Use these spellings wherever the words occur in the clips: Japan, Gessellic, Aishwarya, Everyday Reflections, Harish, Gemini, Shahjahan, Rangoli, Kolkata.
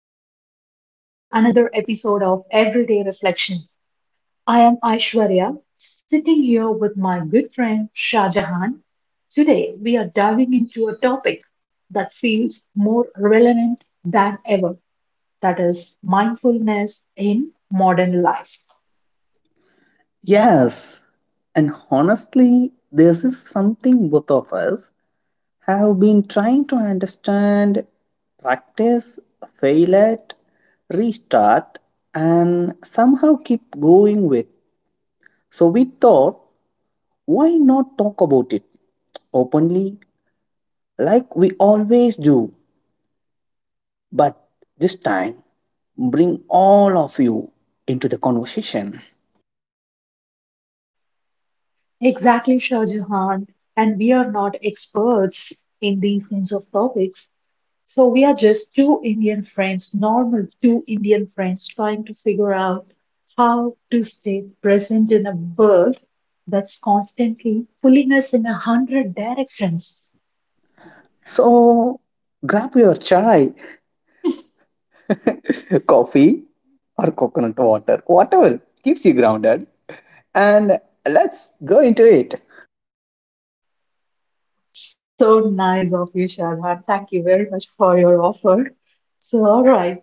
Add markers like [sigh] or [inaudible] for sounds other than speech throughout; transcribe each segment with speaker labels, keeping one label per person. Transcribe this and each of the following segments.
Speaker 1: everyone to another episode of Everyday Reflections. I am Aishwarya, sitting here with my good friend Shahjahan. Today, we are diving into a topic that feels more relevant than ever, that is mindfulness in modern life.
Speaker 2: Yes, and honestly, this is something both of us have been trying to understand, practice, fail at, restart, and somehow keep going with. So we thought, why not talk about it openly like we always do? But this time, bring all of you into the conversation.
Speaker 1: Exactly, Shahjahan. And we are not experts in these kinds of topics, so we are just two Indian friends, normal two Indian friends, trying to figure out how to stay present in a world that's constantly pulling us in a hundred directions.
Speaker 2: So grab your chai [laughs] coffee or coconut water, whatever keeps you grounded. And let's go into it.
Speaker 1: So nice of you, Shalhan. Thank you very much for your offer. So, all right,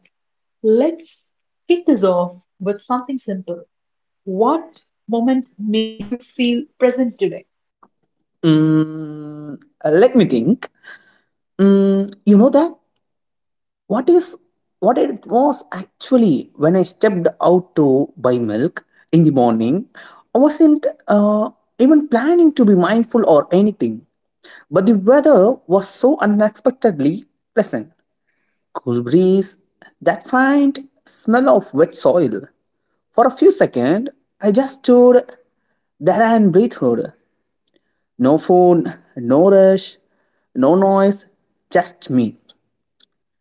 Speaker 1: let's kick this off with something simple. What moment made you feel present today?
Speaker 2: Mm, Let me think. You know that what is what it was actually when I stepped out to buy milk in the morning. I wasn't even planning to be mindful or anything, but the weather was so unexpectedly pleasant. Cool breeze, that faint smell of wet soil, for a few seconds, I just stood there and breathed. No phone, no rush, no noise, just me.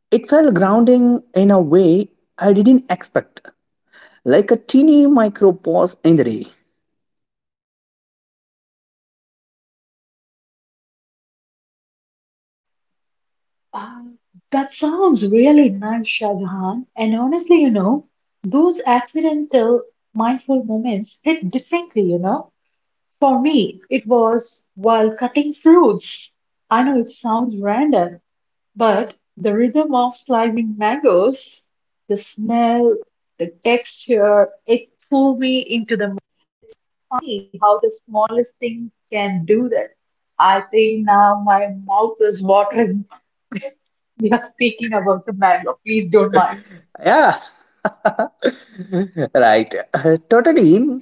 Speaker 2: It felt grounding in a way I didn't expect, like a teeny micro pause in the day.
Speaker 1: Uh, that sounds really nice, Shah. And honestly, those accidental mindful moments hit differently. For me, it was while cutting fruits. I know it sounds random, but the rhythm of slicing mangoes, the smell, the texture, it pulled me into the. Funny how the smallest thing can do that. I think now my mouth is watering. [laughs] We are speaking about the mango. Please don't mind.
Speaker 2: Yeah. [laughs] Right. [laughs] Totally.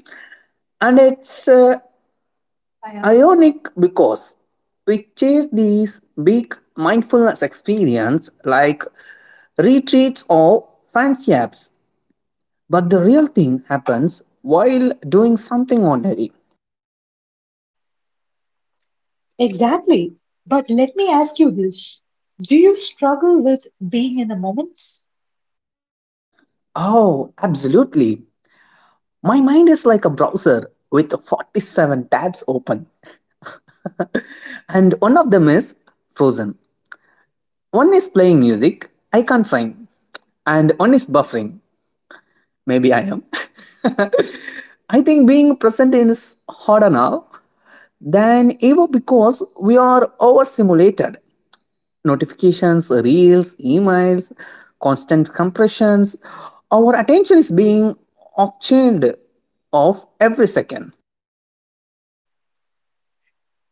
Speaker 2: And it's ionic because we chase these big mindfulness experience like retreats or fancy apps. But the real thing happens while doing something ordinary.
Speaker 1: Exactly. But let me ask you this. Do you struggle with being in the moment?
Speaker 2: Oh, absolutely. My mind is like a browser with 47 tabs open, and one of them is frozen. One is playing music, I can't find, and one is buffering. Maybe I am. [laughs] I think being present is harder now than ever because we are overstimulated. Notifications, reels, emails, constant compressions. Our attention is being auctioned off every second.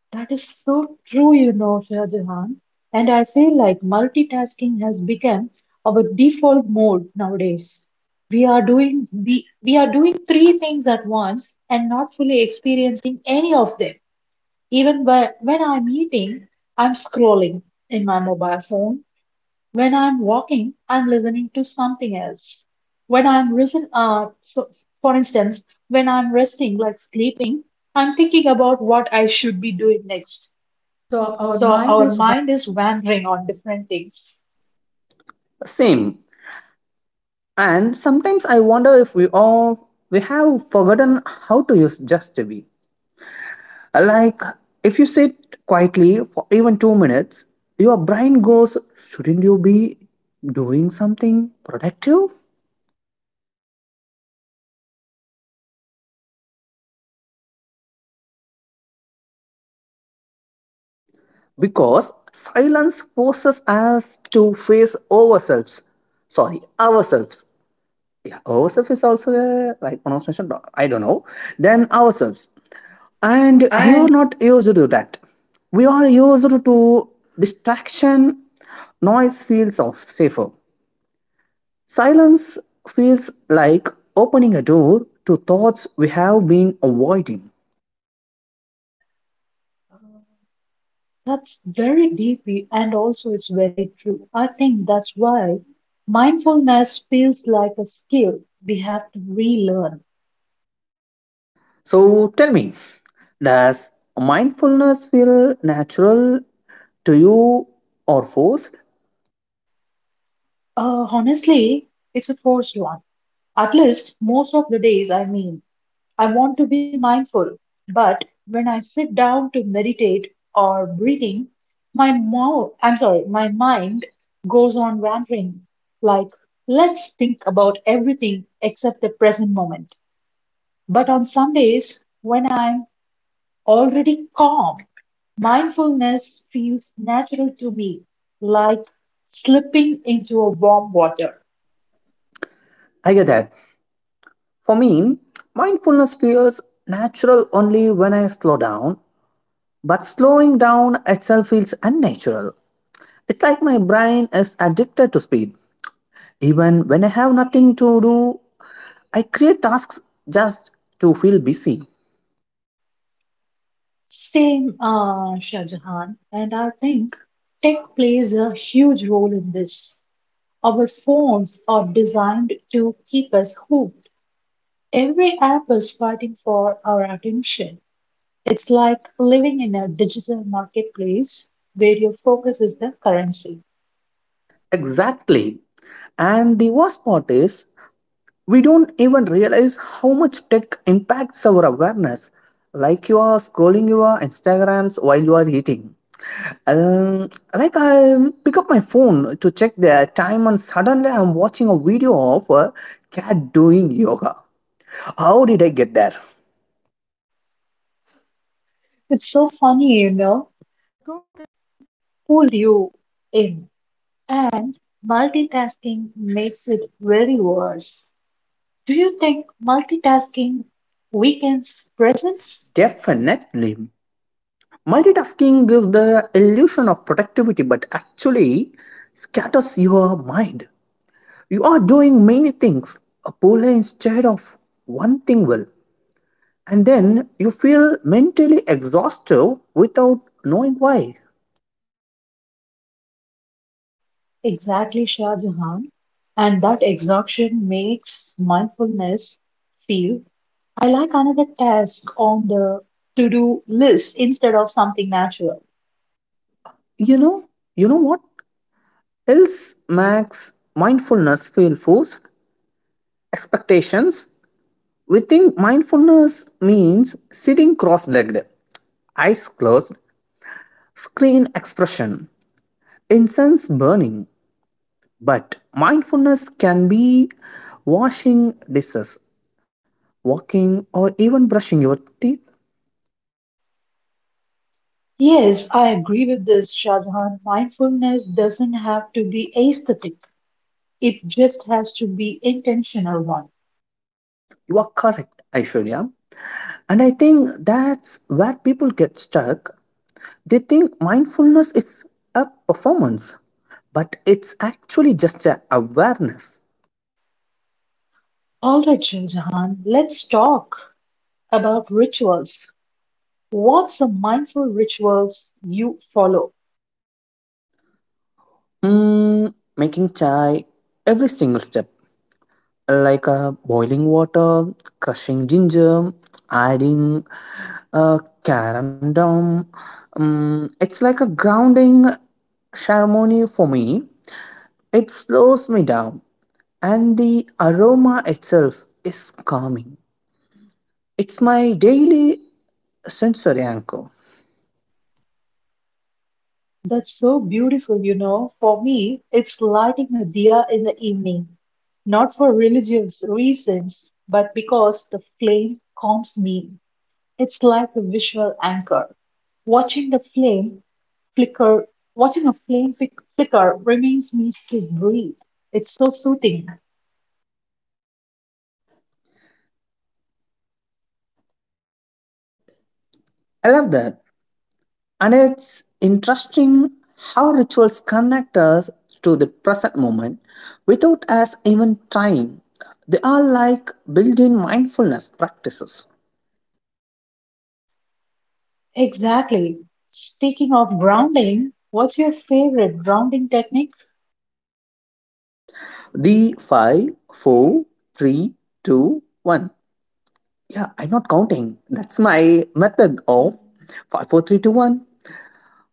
Speaker 1: That is so true, Shahjahan. And I feel like multitasking has become our default mode nowadays. We are doing three things at once and not fully experiencing any of them. Even when I'm eating, I'm scrolling in my mobile phone. When I'm walking, I'm listening to something else. When I'm risen, so for instance, when I'm resting, like sleeping, I'm thinking about what I should be doing next.
Speaker 2: So our
Speaker 1: So
Speaker 2: mind
Speaker 1: our
Speaker 2: is
Speaker 1: mind is wandering on different things.
Speaker 2: Same. And sometimes I wonder if we all we have forgotten how to use just to be. Like if you sit quietly for even 2 minutes, your brain goes, shouldn't you be doing something productive? Because silence forces us to face ourselves. Yeah, ourselves is also the right pronunciation, I don't know, then ourselves. And we are not used to do that. We are used to distraction. Noise feels of safer, silence feels like opening a door to thoughts we have been avoiding.
Speaker 1: That's very deep and also it's very true. I think that's why mindfulness feels like a skill we have to relearn.
Speaker 2: So tell me, does mindfulness feel natural to you or forced?
Speaker 1: Honestly, it's a forced one. At least most of the days, I mean, I want to be mindful, but when I sit down to meditate or breathing, my mouth, I'm sorry, my mind goes on wandering. Like, let's think about everything except the present moment. But on some days, when I'm already calm, mindfulness feels natural to me, like slipping into a warm water.
Speaker 2: I get that. For me, mindfulness feels natural only when I slow down, but slowing down itself feels unnatural. It's like my brain is addicted to speed. Even when I have nothing to do, I create tasks just to feel busy.
Speaker 1: Same, Shah Jahan, and I think tech plays a huge role in this. Our phones are designed to keep us hooked. Every app is fighting for our attention. It's like living in a digital marketplace where your focus is the currency.
Speaker 2: Exactly. And the worst part is, we don't even realize how much tech impacts our awareness. Like you are scrolling your Instagrams while you are eating. Um, like I pick up my phone to check the time, and suddenly I'm watching a video of a cat doing yoga. How did I get there?
Speaker 1: It's so funny, pull you in. And multitasking makes it very worse. Do you think multitasking weakens presence?
Speaker 2: Definitely. Multitasking gives the illusion of productivity, but actually scatters your mind. You are doing many things, a poorly instead of one thing well. And then you feel mentally exhausted without knowing why.
Speaker 1: Exactly, Shah Jahan. And that exhaustion makes mindfulness feel I like another task on the to-do list instead of something natural.
Speaker 2: You know you know what else Max mindfulness feel forced? Expectations. We think mindfulness means sitting cross-legged, eyes closed, screen expression, incense burning, but mindfulness can be washing dishes, walking, or even brushing your teeth.
Speaker 1: Yes, I agree with this, Shah Jahan. Mindfulness doesn't have to be aesthetic. It just has to be intentional one.
Speaker 2: You are correct, Aishwarya. And I think that's where people get stuck. They think mindfulness is a performance, but it's actually just a awareness.
Speaker 1: All right, Shah Jahan, let's talk about rituals. What's the mindful rituals you follow?
Speaker 2: Making chai, every single step, like boiling water, crushing ginger, adding uh, carom down. It's like a grounding ceremony for me. It slows me down, and the aroma itself is calming. It's my daily sensory anchor.
Speaker 1: That's so beautiful. For me, it's lighting a diya in the evening, not for religious reasons, but because the flame calms me. It's like a visual anchor. Watching the flame flicker, watching a flame flicker reminds me to breathe. It's so soothing.
Speaker 2: I love that. And it's interesting how rituals connect us to the present moment without us even trying. They are like built in mindfulness practices.
Speaker 1: Exactly. Speaking of grounding, what's your favorite grounding technique?
Speaker 2: The five, four, three, two, one. Yeah, I'm not counting. That's my method of five, four, three, two, one.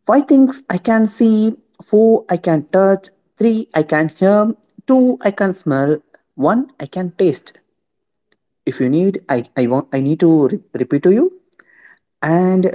Speaker 2: Five things I can see, four I can touch, three I can hear, two I can smell, one I can taste. If you need, I need to repeat to you. And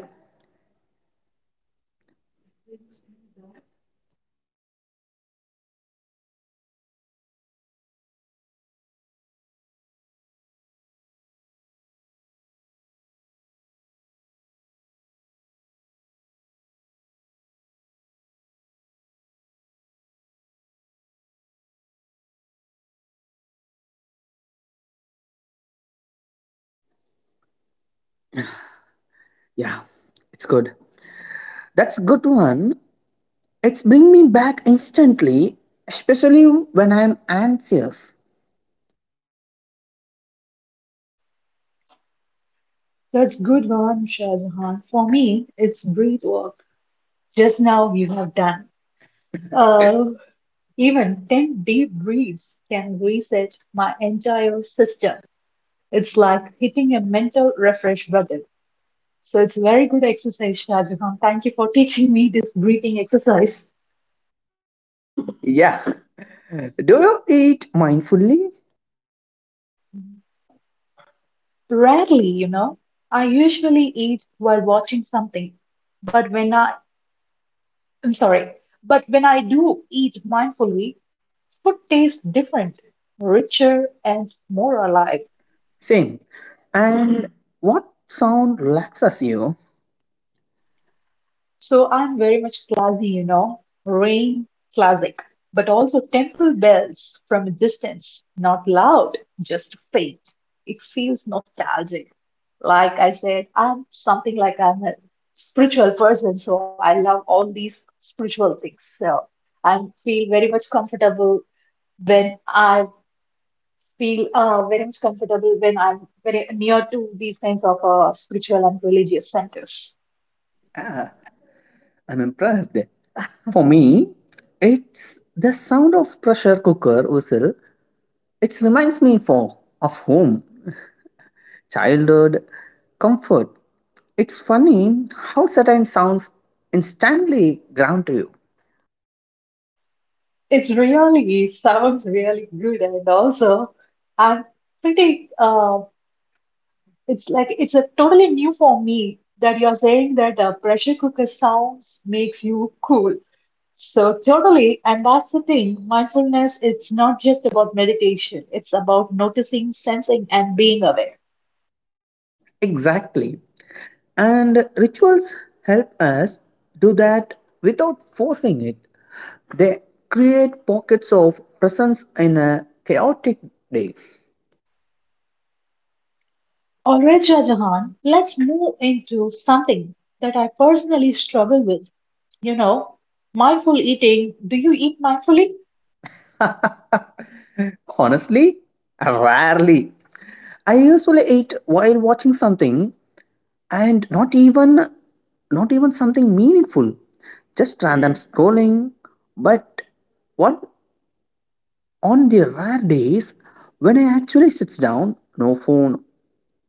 Speaker 2: yeah, it's good. That's good one. It's bring me back instantly, especially when I'm anxious.
Speaker 1: That's good one, Shah Jahan. For me, it's breath work. Just now you have done. [laughs] Uh, Even 10 deep breaths can reset my entire system. It's like hitting a mental refresh button. So it's very good exercise, Shahjahan. Thank you for [laughs] teaching me this breathing exercise.
Speaker 2: Yeah. Do you eat mindfully?
Speaker 1: Rarely, I usually eat while watching something, but when I, I'm sorry, but when I do eat mindfully, food tastes different, richer, and more alive.
Speaker 2: Same. And what sound relaxes you?
Speaker 1: So I'm very much classy, rain classic, but also temple bells from a distance, not loud, just faint. It feels nostalgic. Like I said, I'm something like I'm a spiritual person, so I love all these spiritual things. So I feel very much comfortable when I feel very much comfortable when I'm very near to these kinds of spiritual and religious centers.
Speaker 2: Ah, I'm impressed. For me, it's the sound of pressure cooker whistle. It reminds me for of home, childhood, comfort. It's funny how certain sounds instantly ground you.
Speaker 1: It really sounds really good, and also I'm pretty. It's like it's a totally new for me that you're saying that pressure cooker sounds makes you cool. So totally, and that's the thing. Mindfulness, it's not just about meditation. It's about noticing, sensing, and being aware.
Speaker 2: Exactly. And rituals help us do that without forcing it. They create pockets of presence in a chaotic day.
Speaker 1: All right, Jahan, let's move into something that I personally struggle with. You know, Mindful eating. Do you eat mindfully?
Speaker 2: Honestly, rarely I usually eat while watching something and not even something meaningful. Just random scrolling. But what on the rare days when I actually sits down, no phone,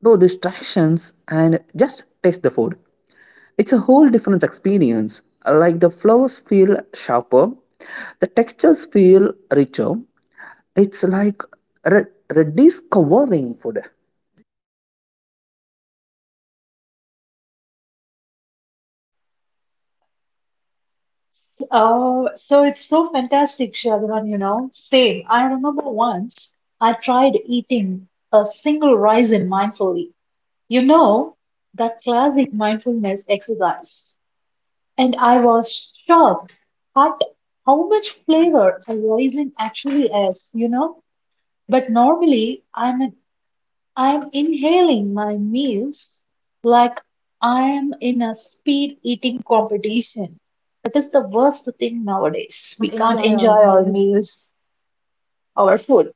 Speaker 2: no distractions and just taste the food. It's a whole different experience. Like the flowers feel sharper, the textures feel richer. It's like re- rediscovering food.
Speaker 1: Oh, so it's so fantastic, Shravan. Same. I remember once I tried eating a single raisin mindfully. You know, that classic mindfulness exercise. And I was shocked at how much flavor a raisin actually has. But normally I'm inhaling my meals like I am in a speed eating competition. That is the worst thing
Speaker 2: We
Speaker 1: nowadays.
Speaker 2: can't
Speaker 1: We can't
Speaker 2: enjoy our
Speaker 1: enjoy our
Speaker 2: meals.
Speaker 1: meals, our food.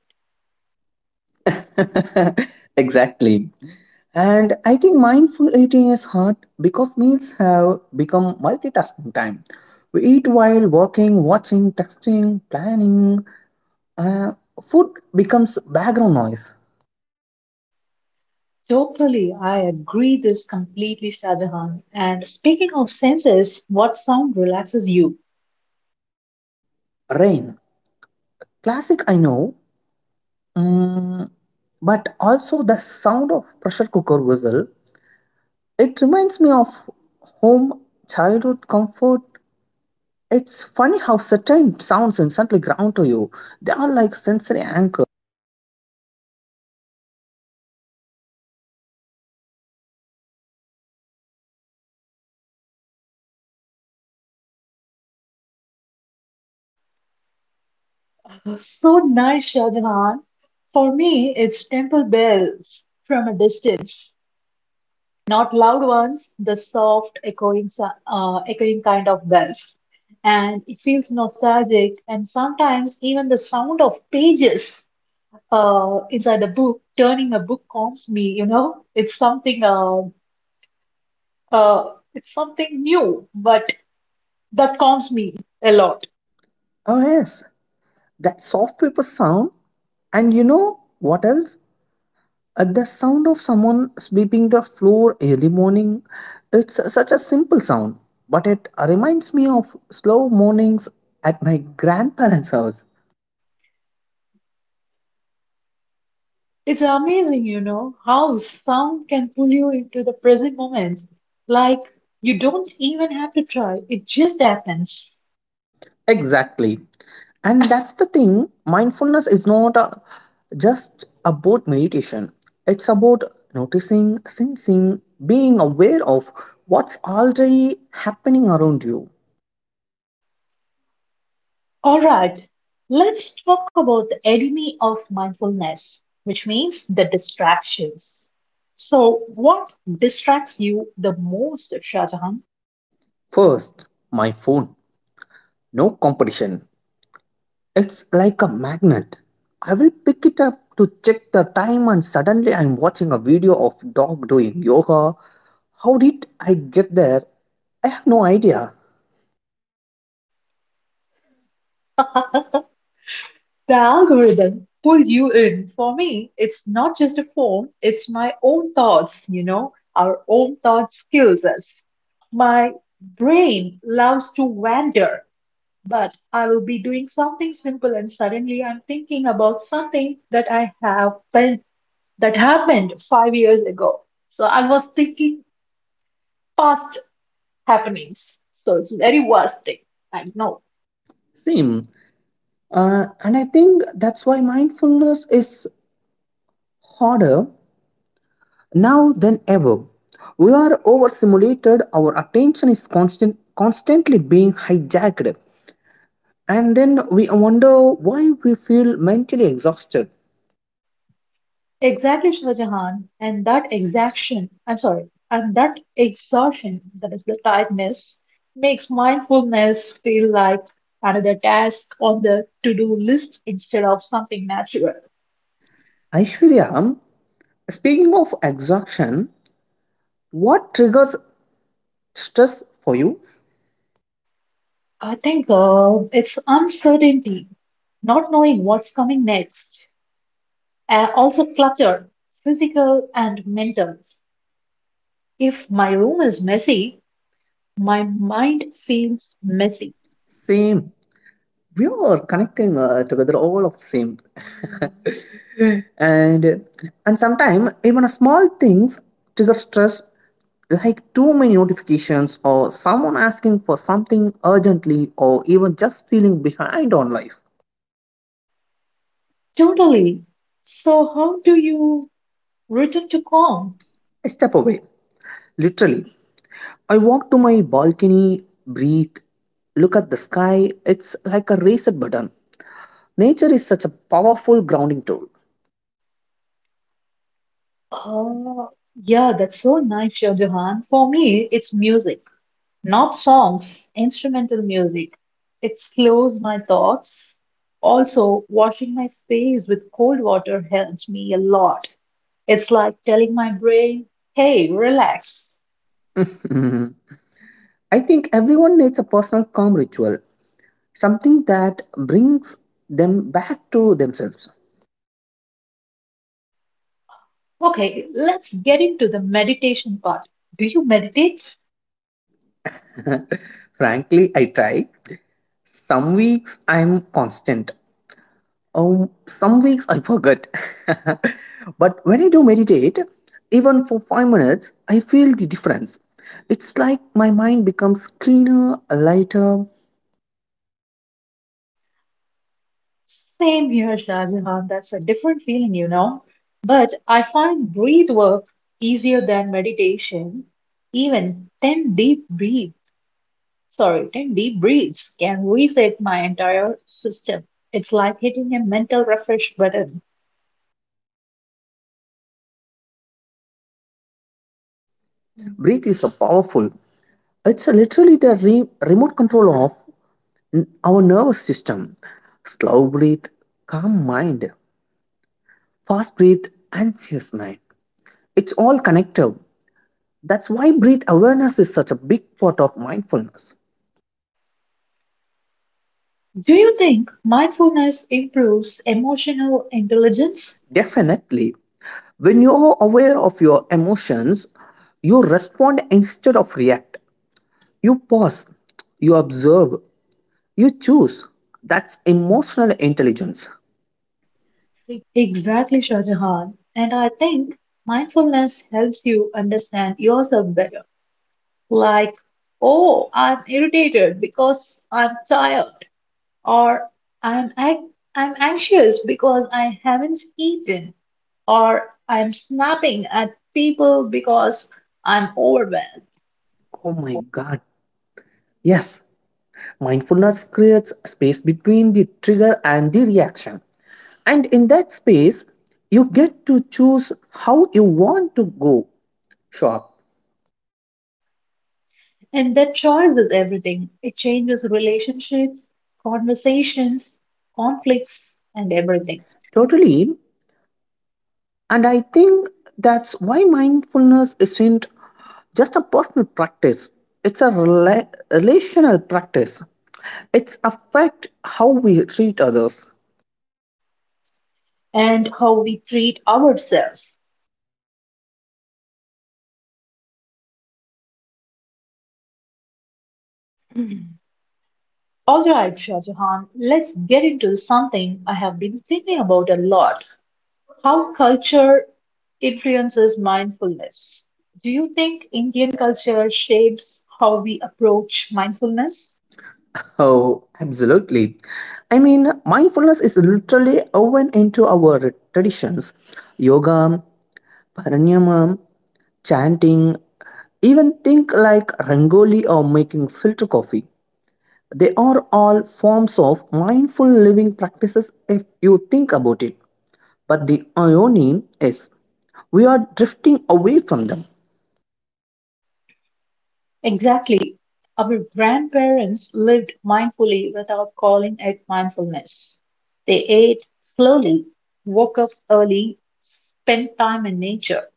Speaker 2: [laughs] Exactly. And I think mindful eating is hard because meals have become multitasking time. We eat while working, watching, texting, planning. Uh, Food becomes background noise.
Speaker 1: Totally, I agree this completely, Shahjahan. And speaking of senses, what sound relaxes you?
Speaker 2: Rain. Classic, I know. Mm, but also the sound of pressure cooker whistle. It reminds me of home, childhood comfort. It's funny how certain sounds instantly ground to you. They are like sensory anchors.
Speaker 1: So nice, Shahjahan. For me, it's temple bells from a distance. Not loud ones, the soft, echoing, echoing kind of bells. And it feels nostalgic, and sometimes even the sound of pages inside a book, turning a book calms me, you know? It's It's something new, but that calms me a lot.
Speaker 2: Oh, yes. That soft paper sound. And you know what else? The sound of someone sweeping the floor early morning, it's such a simple sound but it reminds me of slow mornings at my grandparents house.
Speaker 1: It's amazing, how sound can pull you into the present moment. Like you don't even have to try, it just happens.
Speaker 2: Exactly. And that's the thing, mindfulness is not a, just about meditation, it's about noticing, sensing, being aware of what's already happening around you.
Speaker 1: All right, let's talk about the enemy of mindfulness, which means the distractions. So, what distracts you the most, Shahjahan?
Speaker 2: First my phone. No competition. It's like a magnet. I will pick it up to check the time, and suddenly I'm watching a video of dog doing yoga. How did I get there? I have no idea.
Speaker 1: [laughs] The algorithm pulls you in. For me, it's not just a phone, it's my own thoughts, our own thoughts kills us. My brain loves to wander, but I will be doing something simple and suddenly I'm thinking about something that I have that happened 5 years ago. So I was thinking past happenings. So it's very worst thing. And no,
Speaker 2: Same. And I think that's why mindfulness is harder now than ever. We are overstimulated, our attention is constantly being hijacked, and then we wonder why we feel mentally exhausted.
Speaker 1: exactly Shah Jahan, and that exaction, I'm sorry, and that exhaustion, that is the tiredness, makes mindfulness feel like another task on the to-do list instead of something natural.
Speaker 2: Aishwarya, speaking of exhaustion, what triggers stress for you?
Speaker 1: I think it's uncertainty, not knowing what's coming next, and also clutter, physical and mental. If my room is messy, my mind feels messy.
Speaker 2: Same. We are connecting together all of same, and sometimes even a small things trigger stress, like too many notifications or someone asking for something urgently or even just feeling behind on life.
Speaker 1: Totally. So, how do you return to calm?
Speaker 2: I step away, literally. I walk to my balcony, breathe, look at the sky. It's like a reset button. Nature is such a powerful grounding tool.
Speaker 1: Uh, yeah, that's so nice, Shah Jahan. For me, it's music, not songs, instrumental music. It slows my thoughts. Also, washing my face with cold water helps me a lot. It's like telling my brain, hey, relax.
Speaker 2: Mhm. I think everyone needs a personal calm ritual, something that brings them back to themselves.
Speaker 1: Okay, let's get into the meditation part. Do you meditate?
Speaker 2: Frankly, I try. Some weeks I'm constant. Some weeks I forget. [laughs] But when I do meditate, even for 5 minutes, I feel the difference. It's like my mind becomes cleaner, lighter.
Speaker 1: Same here, Shahjahan. That's a different feeling. But I find breath work easier than meditation. Even 10 deep breaths, sorry, 10 deep breaths can reset my entire system. It's like hitting a mental refresh button.
Speaker 2: Breath is so powerful. It's literally the remote control of our nervous system, slow breathe, calm mind, fast breathe, anxious mind. It's all connected. That's why breath awareness is such a big part of mindfulness.
Speaker 1: Do you think mindfulness improves emotional intelligence?
Speaker 2: Definitely, when you're aware of your emotions, you respond instead of react. You pause, you observe, you choose. That's emotional intelligence.
Speaker 1: Exactly, Shahjahan. And I think mindfulness helps you understand yourself better. Like, oh, I'm irritated because I'm tired, or I'm ac- I'm anxious because I haven't eaten, or I'm snapping at people because I'm overwhelmed.
Speaker 2: Oh my god. Yes. Mindfulness creates space between the trigger and the reaction. And in that space, you get to choose how you want to go shop.
Speaker 1: And that choice is everything. It changes relationships, conversations, conflicts, and everything,
Speaker 2: Totally. And I think that's why mindfulness isn't just a personal practice, it's a relational practice. It's affect how we treat others.
Speaker 1: and how we treat ourselves. All right, Shah Jahan, let's get into something I have been thinking about a lot. How culture influences mindfulness. Do you think Indian culture shapes how we approach mindfulness?
Speaker 2: Oh, absolutely. I mean, mindfulness is literally woven into our traditions. Yoga, pranayama, chanting, even think like Rangoli or making filter coffee. They are all forms of mindful living practices if you think about it. But the irony is, we are drifting away from them.
Speaker 1: Exactly. Our grandparents lived mindfully without calling it mindfulness. They ate slowly, woke up early, spent time in nature,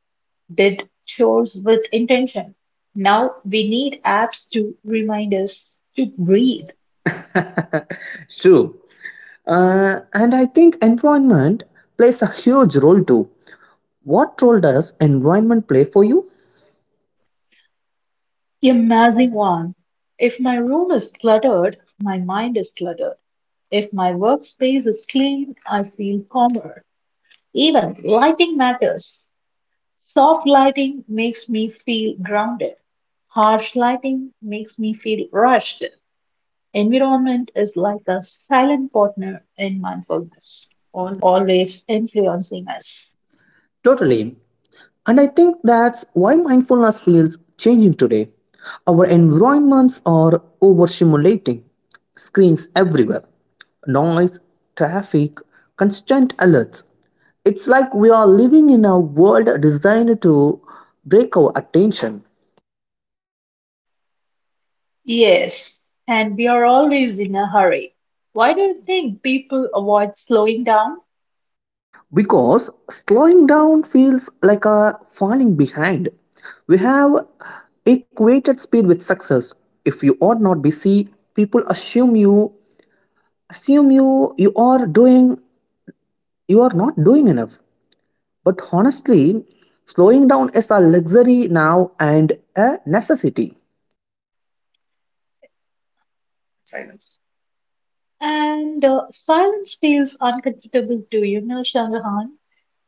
Speaker 1: did chores with intention. Now we need apps to remind us to breathe.
Speaker 2: [laughs] It's true. And I think environment plays a huge role too. What role does environment play for you?
Speaker 1: The amazing one. If my room is cluttered, my mind is cluttered. If my workspace is clean, I feel calmer. Even lighting matters. Soft lighting makes me feel grounded. Harsh lighting makes me feel rushed. Environment is like a silent partner in mindfulness,
Speaker 2: All.
Speaker 1: always influencing us.
Speaker 2: Totally. And I think that's why mindfulness feels changing today. Our environments are overstimulating. Screens everywhere, noise, traffic, constant alerts. It's like we are living in a world designed to break our attention.
Speaker 1: Yes, and we are always in a hurry. Why do you think people avoid slowing down?
Speaker 2: Because slowing down feels like a falling behind. We have equated speed with success. If you are not busy, people assume you are not doing enough, but honestly slowing down is a luxury now and a necessity.
Speaker 1: Silence. And silence feels uncomfortable too, Shahjahan.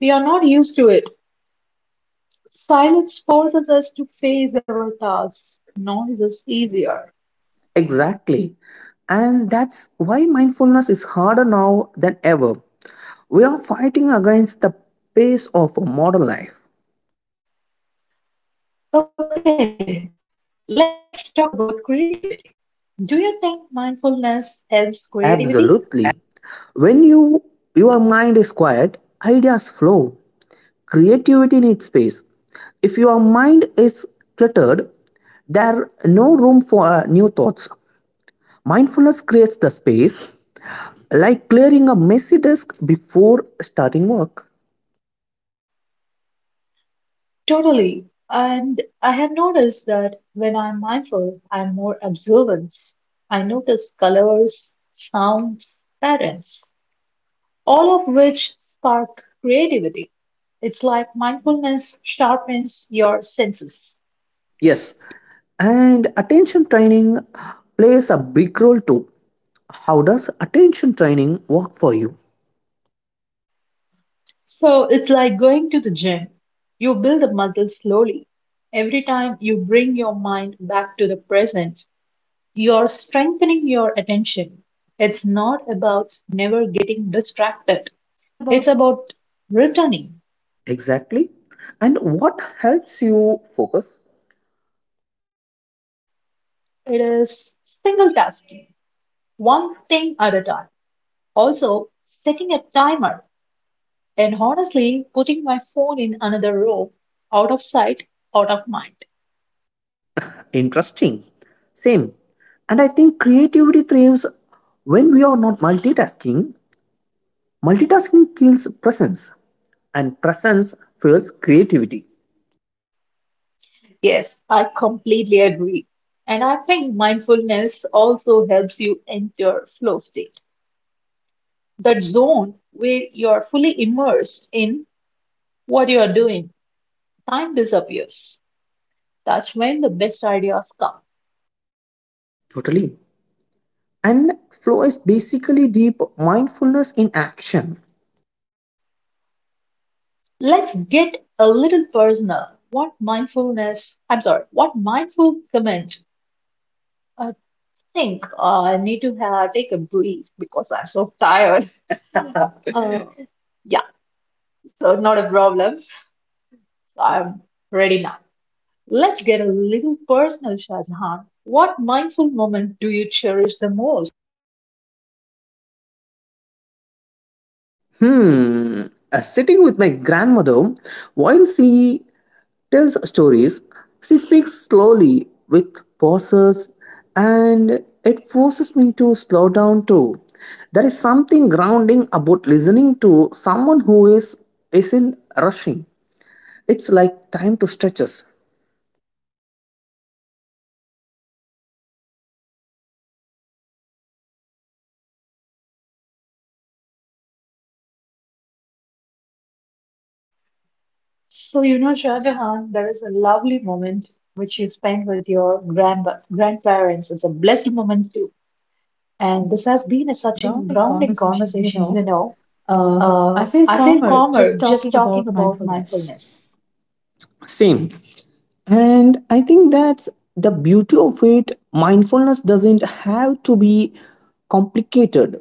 Speaker 1: We are not used to it. Silence forces us to face our thoughts. Noise is easier.
Speaker 2: Exactly, and that's why mindfulness is harder now than ever. We are fighting against the pace of modern life.
Speaker 1: Okay, let's talk about creativity. Do you think mindfulness helps creativity?
Speaker 2: Absolutely. When your mind is quiet, ideas flow. Creativity needs space. If your mind is cluttered, there's no room for new thoughts. Mindfulness creates the space, like clearing a messy desk before starting work.
Speaker 1: Totally. And I have noticed that when I'm mindful, I'm more observant. I notice colors, sounds, patterns, all of which spark creativity. It's like mindfulness sharpens your senses.
Speaker 2: Yes, and attention training plays a big role too. How does attention training work for you?
Speaker 1: So it's like going to the gym. You build the muscle slowly. Every time you bring your mind back to the present, you're strengthening your attention. It's not about never getting distracted,
Speaker 2: It's
Speaker 1: it's
Speaker 2: about
Speaker 1: about returning.
Speaker 2: exactly. And what helps you focus?
Speaker 1: It is single tasking, one thing at a time. Also, setting a timer. And honestly, putting my phone in another room, out of sight, out of mind.
Speaker 2: Interesting. Same. And I think creativity thrives when we are not multitasking. Multitasking kills presence, and presence fuels creativity.
Speaker 1: Yes, I completely agree. And I think mindfulness also helps you enter flow state, that zone where you're fully immersed in what you are doing. Time disappears. That's when the best ideas come.
Speaker 2: Totally. And flow is basically deep mindfulness in action.
Speaker 1: Let's get a little personal. What mindfulness, I'm sorry, what mindful comment. I think I need to take a breathe because I'm so tired. [laughs] Uh, yeah, so not a problem. So I'm ready now. Let's get a little personal, Shah Jahan. What mindful moment do you cherish the most?
Speaker 2: Hmm. Sitting with my grandmother while she tells stories. She speaks slowly with pauses, and it forces me to slow down too. There is something grounding about listening to someone who is isn't rushing. It's like time to stretch us.
Speaker 1: So, Shah Jahan, there is a lovely moment which you spend with your grandparents. It's a blessed moment too. And this has been a
Speaker 2: Watching
Speaker 1: such a
Speaker 2: grounding
Speaker 1: grounding
Speaker 2: conversation, you
Speaker 1: conversation,
Speaker 2: know,
Speaker 1: you know.
Speaker 2: I feel
Speaker 1: I feel
Speaker 2: calmer
Speaker 1: calmer
Speaker 2: just
Speaker 1: just
Speaker 2: talking
Speaker 1: talking
Speaker 2: about
Speaker 1: about
Speaker 2: mindfulness.
Speaker 1: mindfulness.
Speaker 2: Same. And I think that's the beauty of it. Mindfulness doesn't have to be complicated.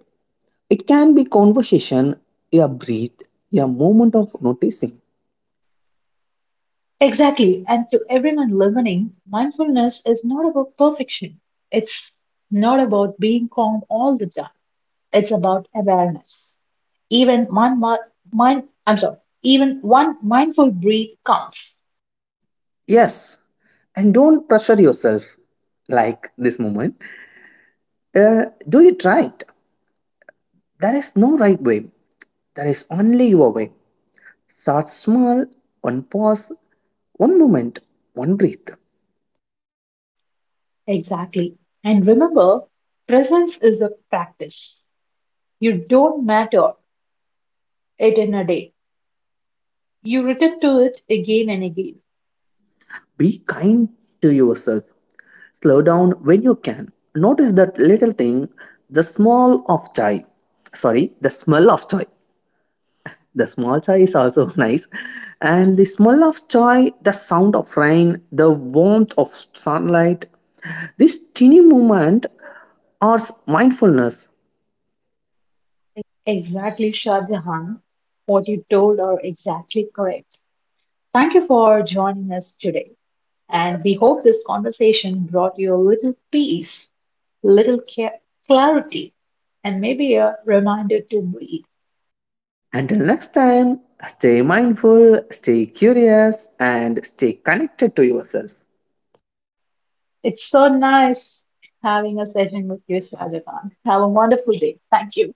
Speaker 2: It can be conversation, a breath, a moment of noticing.
Speaker 1: Exactly. And to everyone listening, mindfulness is not about perfection. It's not about being calm all the time. It's about awareness. Even one mind, I'm sorry, even one mindful breath counts.
Speaker 2: Yes, and don't pressure yourself like this moment. Do it right. There is no right way. There is only your way. Start small, one pause, one moment, one breath.
Speaker 1: Exactly. And remember, presence is a practice. You don't matter it in a day. You return to it again and again.
Speaker 2: Be kind to yourself. Slow down when you can. Notice that little thing, the smell of joy. Sorry, the smell of joy. The small chai is also [laughs] nice. And the smell of chai, the sound of rain, the warmth of sunlight, this teeny moment are mindfulness.
Speaker 1: Exactly, Shah Jahan. What you told are exactly correct. Thank you for joining us today. And we hope this conversation brought you a little peace, little clarity, and maybe a reminder to breathe.
Speaker 2: Until next time, stay mindful, stay curious, and stay connected to yourself.
Speaker 1: It's so nice having a session with you, Shadavan. Have a wonderful day. Thank you.